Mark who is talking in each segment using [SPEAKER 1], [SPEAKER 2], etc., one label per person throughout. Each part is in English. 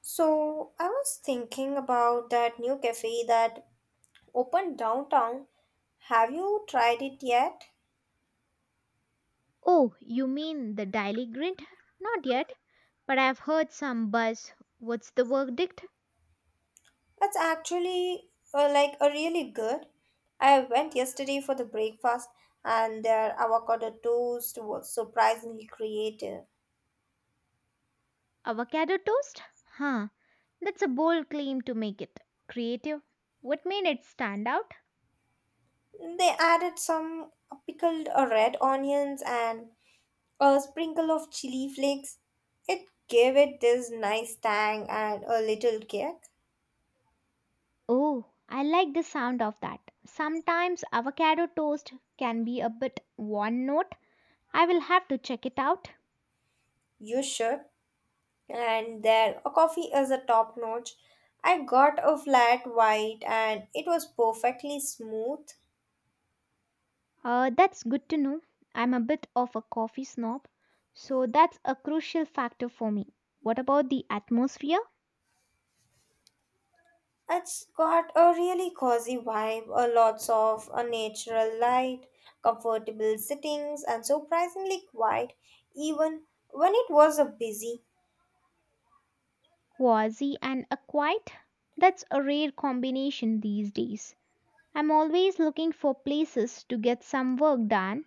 [SPEAKER 1] So I was thinking about that new cafe that opened downtown. Have you tried it yet?
[SPEAKER 2] Oh, you mean the Daily Grind? Not yet, but I've heard some buzz. What's the verdict?
[SPEAKER 1] It's actually like a really good. I went yesterday for the breakfast and their avocado toast was surprisingly creative.
[SPEAKER 2] Avocado toast? Huh, that's a bold claim to make it. Creative. What made it stand out?
[SPEAKER 1] They added some pickled red onions and a sprinkle of chili flakes. It gave it this nice tang and a little kick.
[SPEAKER 2] Oh, I like the sound of that. Sometimes avocado toast can be a bit one note. I will have to check it out.
[SPEAKER 1] You should. And then a coffee is a top notch. I got a flat white and it was perfectly smooth.
[SPEAKER 2] That's good to know. I'm a bit of a coffee snob, so that's a crucial factor for me. What about the atmosphere?
[SPEAKER 1] It's got a really cozy vibe, a lots of a natural light, comfortable sittings, and surprisingly quiet, even when it was a busy.
[SPEAKER 2] Quasi and acquiet? That's a rare combination these days. I'm always looking for places to get some work done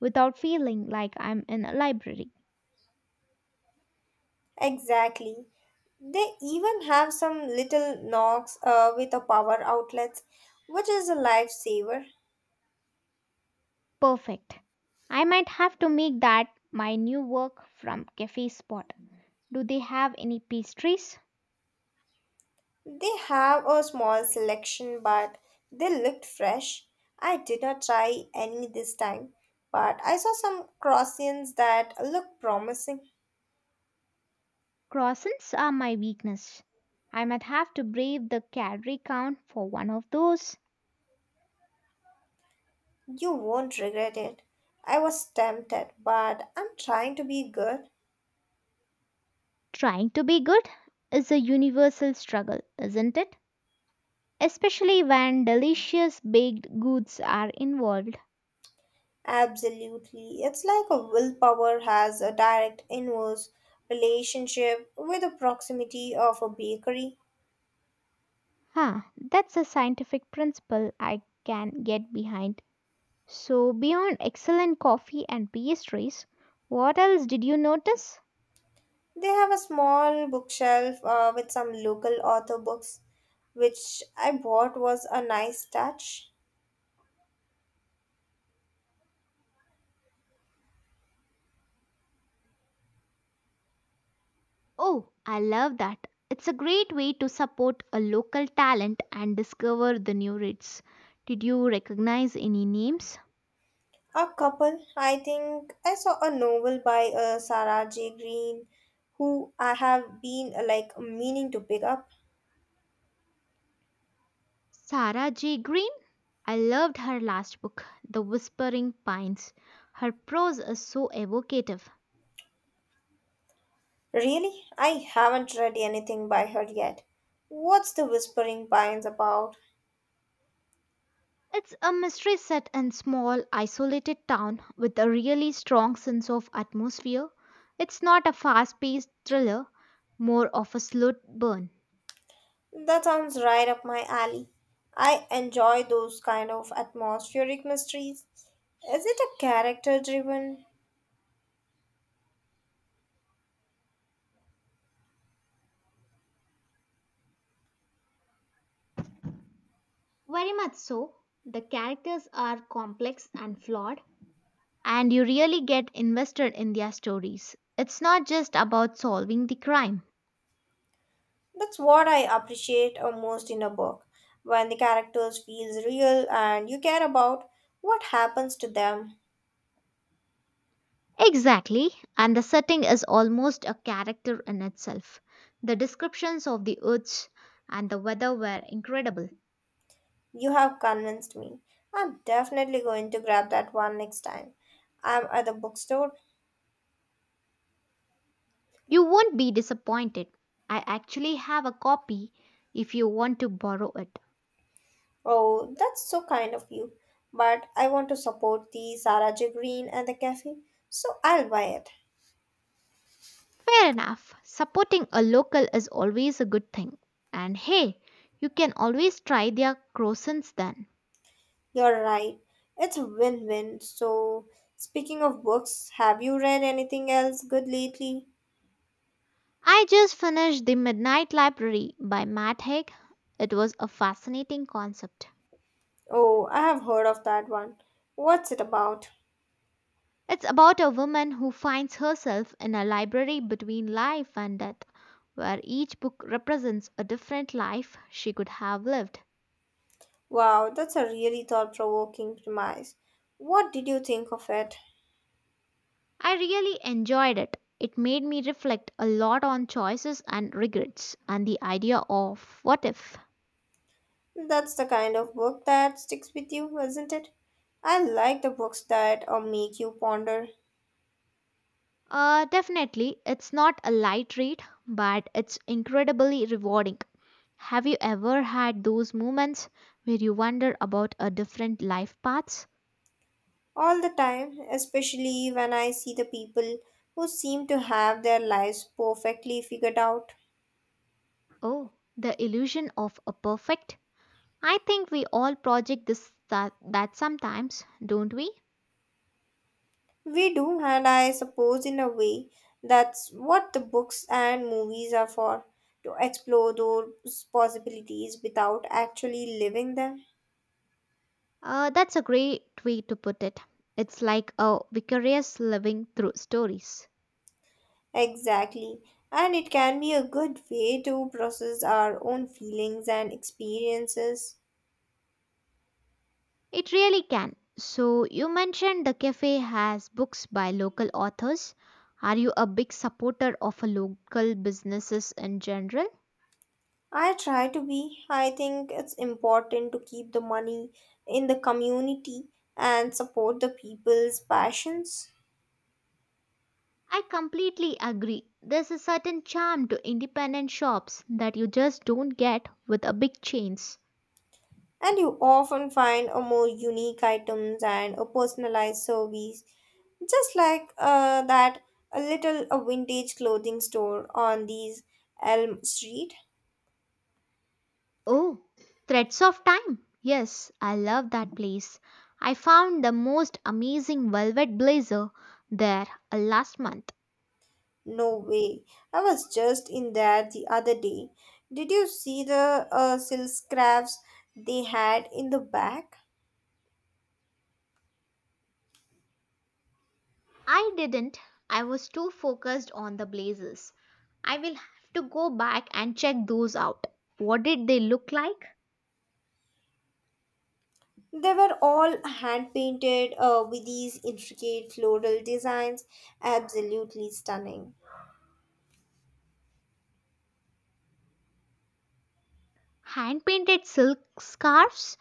[SPEAKER 2] without feeling like I'm in a library.
[SPEAKER 1] Exactly. They even have some little knocks with a power outlets, which is a lifesaver.
[SPEAKER 2] Perfect. I might have to make that my new work from cafe spot. Do they have any pastries?
[SPEAKER 1] They have a small selection, but they looked fresh. I did not try any this time, but I saw some croissants that look promising.
[SPEAKER 2] Croissants are my weakness. I might have to brave the calorie count for one of those.
[SPEAKER 1] You won't regret it. I was tempted, but I'm trying to be good.
[SPEAKER 2] Trying to be good is a universal struggle, isn't it? Especially when delicious baked goods are involved.
[SPEAKER 1] Absolutely. It's like a willpower has a direct inverse relationship with the proximity of a bakery.
[SPEAKER 2] Huh, that's a scientific principle I can get behind. So, beyond excellent coffee and pastries, what else did you notice?
[SPEAKER 1] They have a small bookshelf with some local author books, which I bought was a nice touch.
[SPEAKER 2] Oh, I love that. It's a great way to support a local talent and discover the new rates. Did you recognize any names?
[SPEAKER 1] A couple, I think I saw a novel by Sarah J. Green, who I have been like meaning to pick up.
[SPEAKER 2] Sarah J. Green? I loved her last book, The Whispering Pines. Her prose is so evocative.
[SPEAKER 1] Really, I haven't read anything by her yet. What's the Whispering Pines about?
[SPEAKER 2] It's a mystery set in small isolated town with a really strong sense of atmosphere. It's not a fast-paced thriller, more of a slow burn.
[SPEAKER 1] That sounds right up my alley. I enjoy those kind of atmospheric mysteries. Is it a character driven?
[SPEAKER 2] Very much so. The characters are complex and flawed, and you really get invested in their stories. It's not just about solving the crime.
[SPEAKER 1] That's what I appreciate most in a book, when the characters feels real and you care about what happens to them.
[SPEAKER 2] Exactly, and the setting is almost a character in itself. The descriptions of the woods and the weather were incredible.
[SPEAKER 1] You have convinced me. I'm definitely going to grab that one next time. I'm at the bookstore.
[SPEAKER 2] You won't be disappointed. I actually have a copy if you want to borrow it.
[SPEAKER 1] Oh, that's so kind of you. But I want to support the Sarah J. Green and the cafe, so I'll buy it.
[SPEAKER 2] Fair enough. Supporting a local is always a good thing. And hey, you can always try their croissants then.
[SPEAKER 1] You're right. It's a win-win. So, speaking of books, have you read anything else good lately?
[SPEAKER 2] I just finished The Midnight Library by Matt Haig. It was a fascinating concept.
[SPEAKER 1] Oh, I have heard of that one. What's it about?
[SPEAKER 2] It's about a woman who finds herself in a library between life and death, where each book represents a different life she could have lived.
[SPEAKER 1] Wow, that's a really thought-provoking premise. What did you think of it?
[SPEAKER 2] I really enjoyed it. It made me reflect a lot on choices and regrets and the idea of what if.
[SPEAKER 1] That's the kind of book that sticks with you, isn't it? I like the books that make you ponder
[SPEAKER 2] Definitely, it's not a light read, but it's incredibly rewarding. Have you ever had those moments where you wonder about a different life paths?
[SPEAKER 1] all the time, especially when I see the people who seem to have their lives perfectly figured out.
[SPEAKER 2] Oh, the illusion of a perfect. I think we all project this that sometimes, don't we?
[SPEAKER 1] We do, and I suppose in a way that's what the books and movies are for to explore those possibilities without actually living them.
[SPEAKER 2] That's a great way to put it. It's like a vicarious living through stories.
[SPEAKER 1] Exactly. And it can be a good way to process our own feelings and experiences.
[SPEAKER 2] It really can. So, you mentioned the cafe has books by local authors. Are you a big supporter of a local businesses in general?
[SPEAKER 1] I try to be. I think it's important to keep the money in the community and support the people's passions.
[SPEAKER 2] I completely agree. There's a certain charm to independent shops that you just don't get with a big chains.
[SPEAKER 1] And you often find a more unique items and a personalized service, just like that a little a vintage clothing store on these Elm Street.
[SPEAKER 2] Oh, Threads of Time. Yes, I love that place. I found the most amazing velvet blazer there last month.
[SPEAKER 1] No way. I was just in there the other day. Did you see the silk scraps they had in the back?
[SPEAKER 2] I didn't. I was too focused on the blazers. I will have to go back and check those out. What did they look like?
[SPEAKER 1] They were all hand painted with these intricate floral designs. Absolutely stunning.
[SPEAKER 2] Hand painted silk scarves?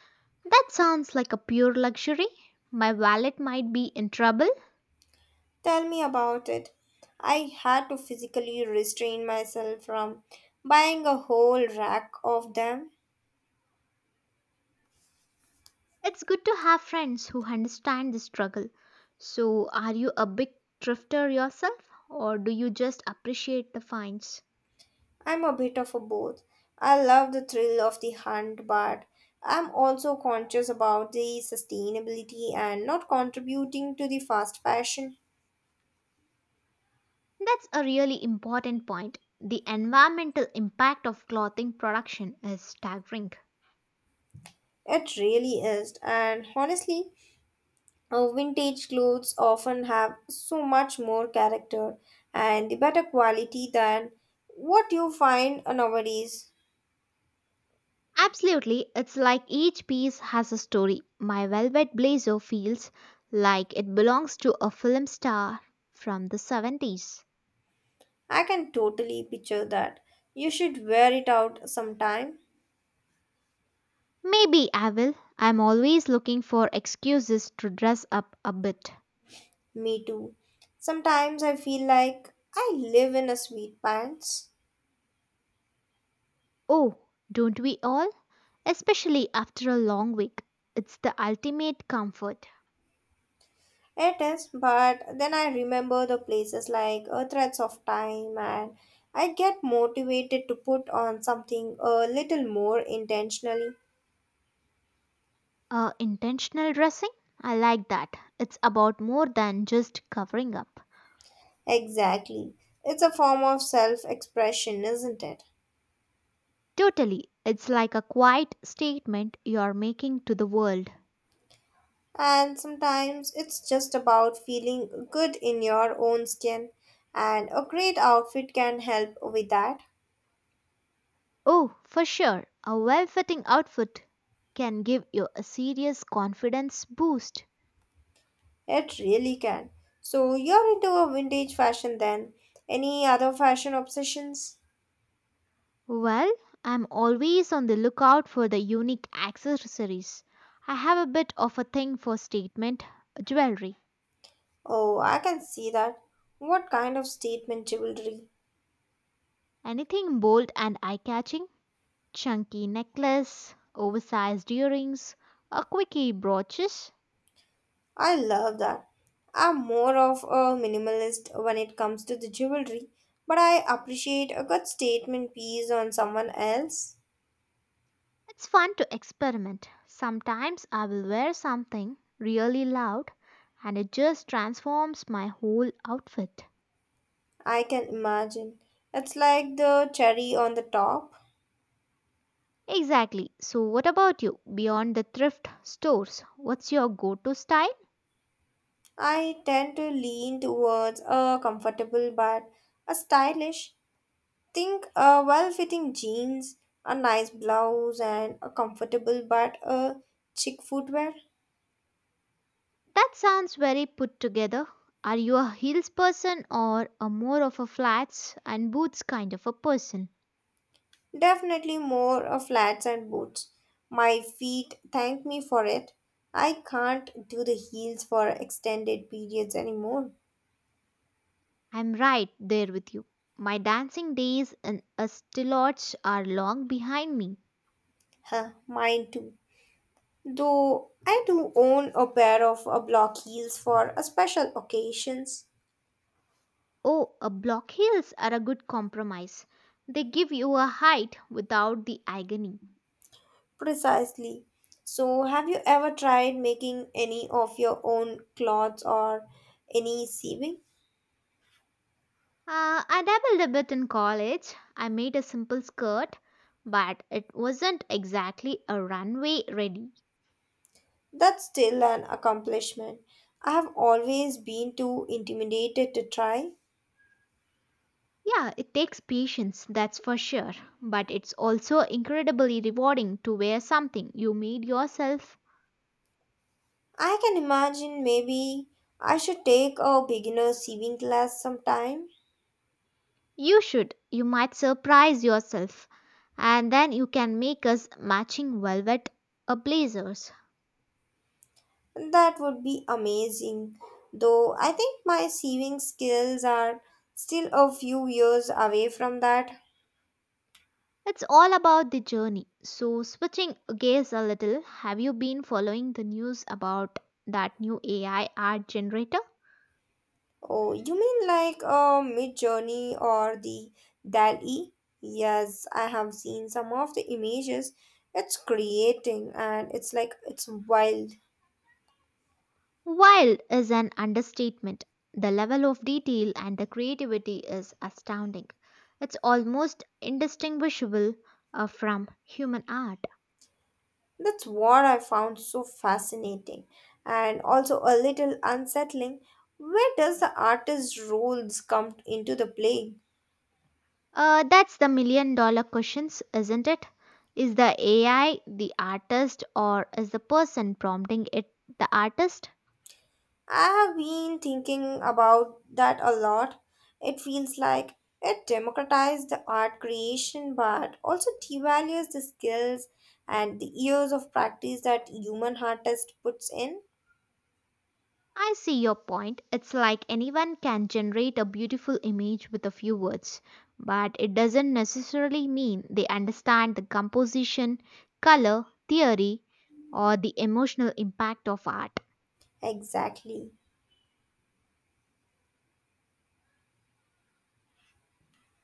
[SPEAKER 2] That sounds like a pure luxury. My wallet might be in trouble.
[SPEAKER 1] Tell me about it. I had to physically restrain myself from buying a whole rack of them.
[SPEAKER 2] It's good to have friends who understand the struggle. So, are you a big thrifter yourself or do you just appreciate the finds?
[SPEAKER 1] I'm a bit of a both. I love the thrill of the hunt, but I'm also conscious about the sustainability and not contributing to the fast fashion.
[SPEAKER 2] That's a really important point. The environmental impact of clothing production is staggering.
[SPEAKER 1] It really is, and honestly, vintage clothes often have so much more character and the better quality than what you find nowadays.
[SPEAKER 2] Absolutely, it's like each piece has a story. My velvet blazer feels like it belongs to a film star from the 70s.
[SPEAKER 1] I can totally picture that. You should wear it out sometime.
[SPEAKER 2] Maybe I will. I'm always looking for excuses to dress up a bit.
[SPEAKER 1] Me too. Sometimes I feel like I live in a sweet pants.
[SPEAKER 2] Oh, don't we all? Especially after a long week. It's the ultimate comfort.
[SPEAKER 1] It is, but then I remember the places like Threads of Time and I get motivated to put on something a little more intentionally.
[SPEAKER 2] Intentional dressing? I like that. It's about more than just covering up.
[SPEAKER 1] Exactly. It's a form of self expression, isn't it?
[SPEAKER 2] Totally. It's like a quiet statement you're making to the world.
[SPEAKER 1] And sometimes it's just about feeling good in your own skin, and a great outfit can help with that.
[SPEAKER 2] Oh, for sure. A well fitting outfit can give you a serious confidence boost.
[SPEAKER 1] It really can. So, you're into a vintage fashion then. Any other fashion obsessions?
[SPEAKER 2] Well, I'm always on the lookout for the unique accessories. I have a bit of a thing for statement jewelry.
[SPEAKER 1] Oh, I can see that. What kind of statement jewelry?
[SPEAKER 2] Anything bold and eye catching? Chunky necklace, oversized earrings, a quickie brooches.
[SPEAKER 1] I love that. I'm more of a minimalist when it comes to the jewelry, but I appreciate a good statement piece on someone else.
[SPEAKER 2] It's fun to experiment. Sometimes I will wear something really loud and it just transforms my whole outfit.
[SPEAKER 1] I can imagine. It's like the cherry on the top.
[SPEAKER 2] Exactly. So, what about you? Beyond the thrift stores, what's your go to style?
[SPEAKER 1] I tend to lean towards a comfortable but a stylish. Think a well-fitting jeans, a nice blouse, and a comfortable but a chic footwear.
[SPEAKER 2] That sounds very put together. Are you a heels person or a more of a flats and boots kind of a person?
[SPEAKER 1] Definitely more of flats and boots. My feet thank me for it. I can't do the heels for extended periods anymore.
[SPEAKER 2] I'm right there with you. My dancing days in a stilotch are long behind me.
[SPEAKER 1] Huh, mine too. Though I do own a pair of block heels for special occasions.
[SPEAKER 2] Oh, a block heels are a good compromise. They give you a height without the agony.
[SPEAKER 1] Precisely. So, have you ever tried making any of your own clothes or any sewing?
[SPEAKER 2] I dabbled a bit in college. I made a simple skirt, but it wasn't exactly a runway ready.
[SPEAKER 1] That's still an accomplishment. I have always been too intimidated to try.
[SPEAKER 2] Yeah, it takes patience, that's for sure. But it's also incredibly rewarding to wear something you made yourself.
[SPEAKER 1] I can imagine maybe I should take a beginner sewing class sometime.
[SPEAKER 2] You should. You might surprise yourself. And then you can make us matching velvet blazers.
[SPEAKER 1] That would be amazing. Though I think my sewing skills are still a few years away from that.
[SPEAKER 2] It's all about the journey. So, switching gears a little, have you been following the news about that new AI art generator?
[SPEAKER 1] Oh, you mean like a mid journey or the DALI? Yes, I have seen some of the images it's creating and it's like it's wild.
[SPEAKER 2] Wild is an understatement. The level of detail and the creativity is astounding. It's almost indistinguishable from human art.
[SPEAKER 1] That's what I found so fascinating and also a little unsettling. Where does the artist's roles come into the play?
[SPEAKER 2] That's the million dollar questions, isn't it? Is the AI the artist or is the person prompting it the artist?
[SPEAKER 1] I have been thinking about that a lot. It feels like it democratizes the art creation but also devalues the skills and the years of practice that human artist puts in.
[SPEAKER 2] I see your point. It's like anyone can generate a beautiful image with a few words, but it doesn't necessarily mean they understand the composition, color, theory, or the emotional impact of art.
[SPEAKER 1] Exactly.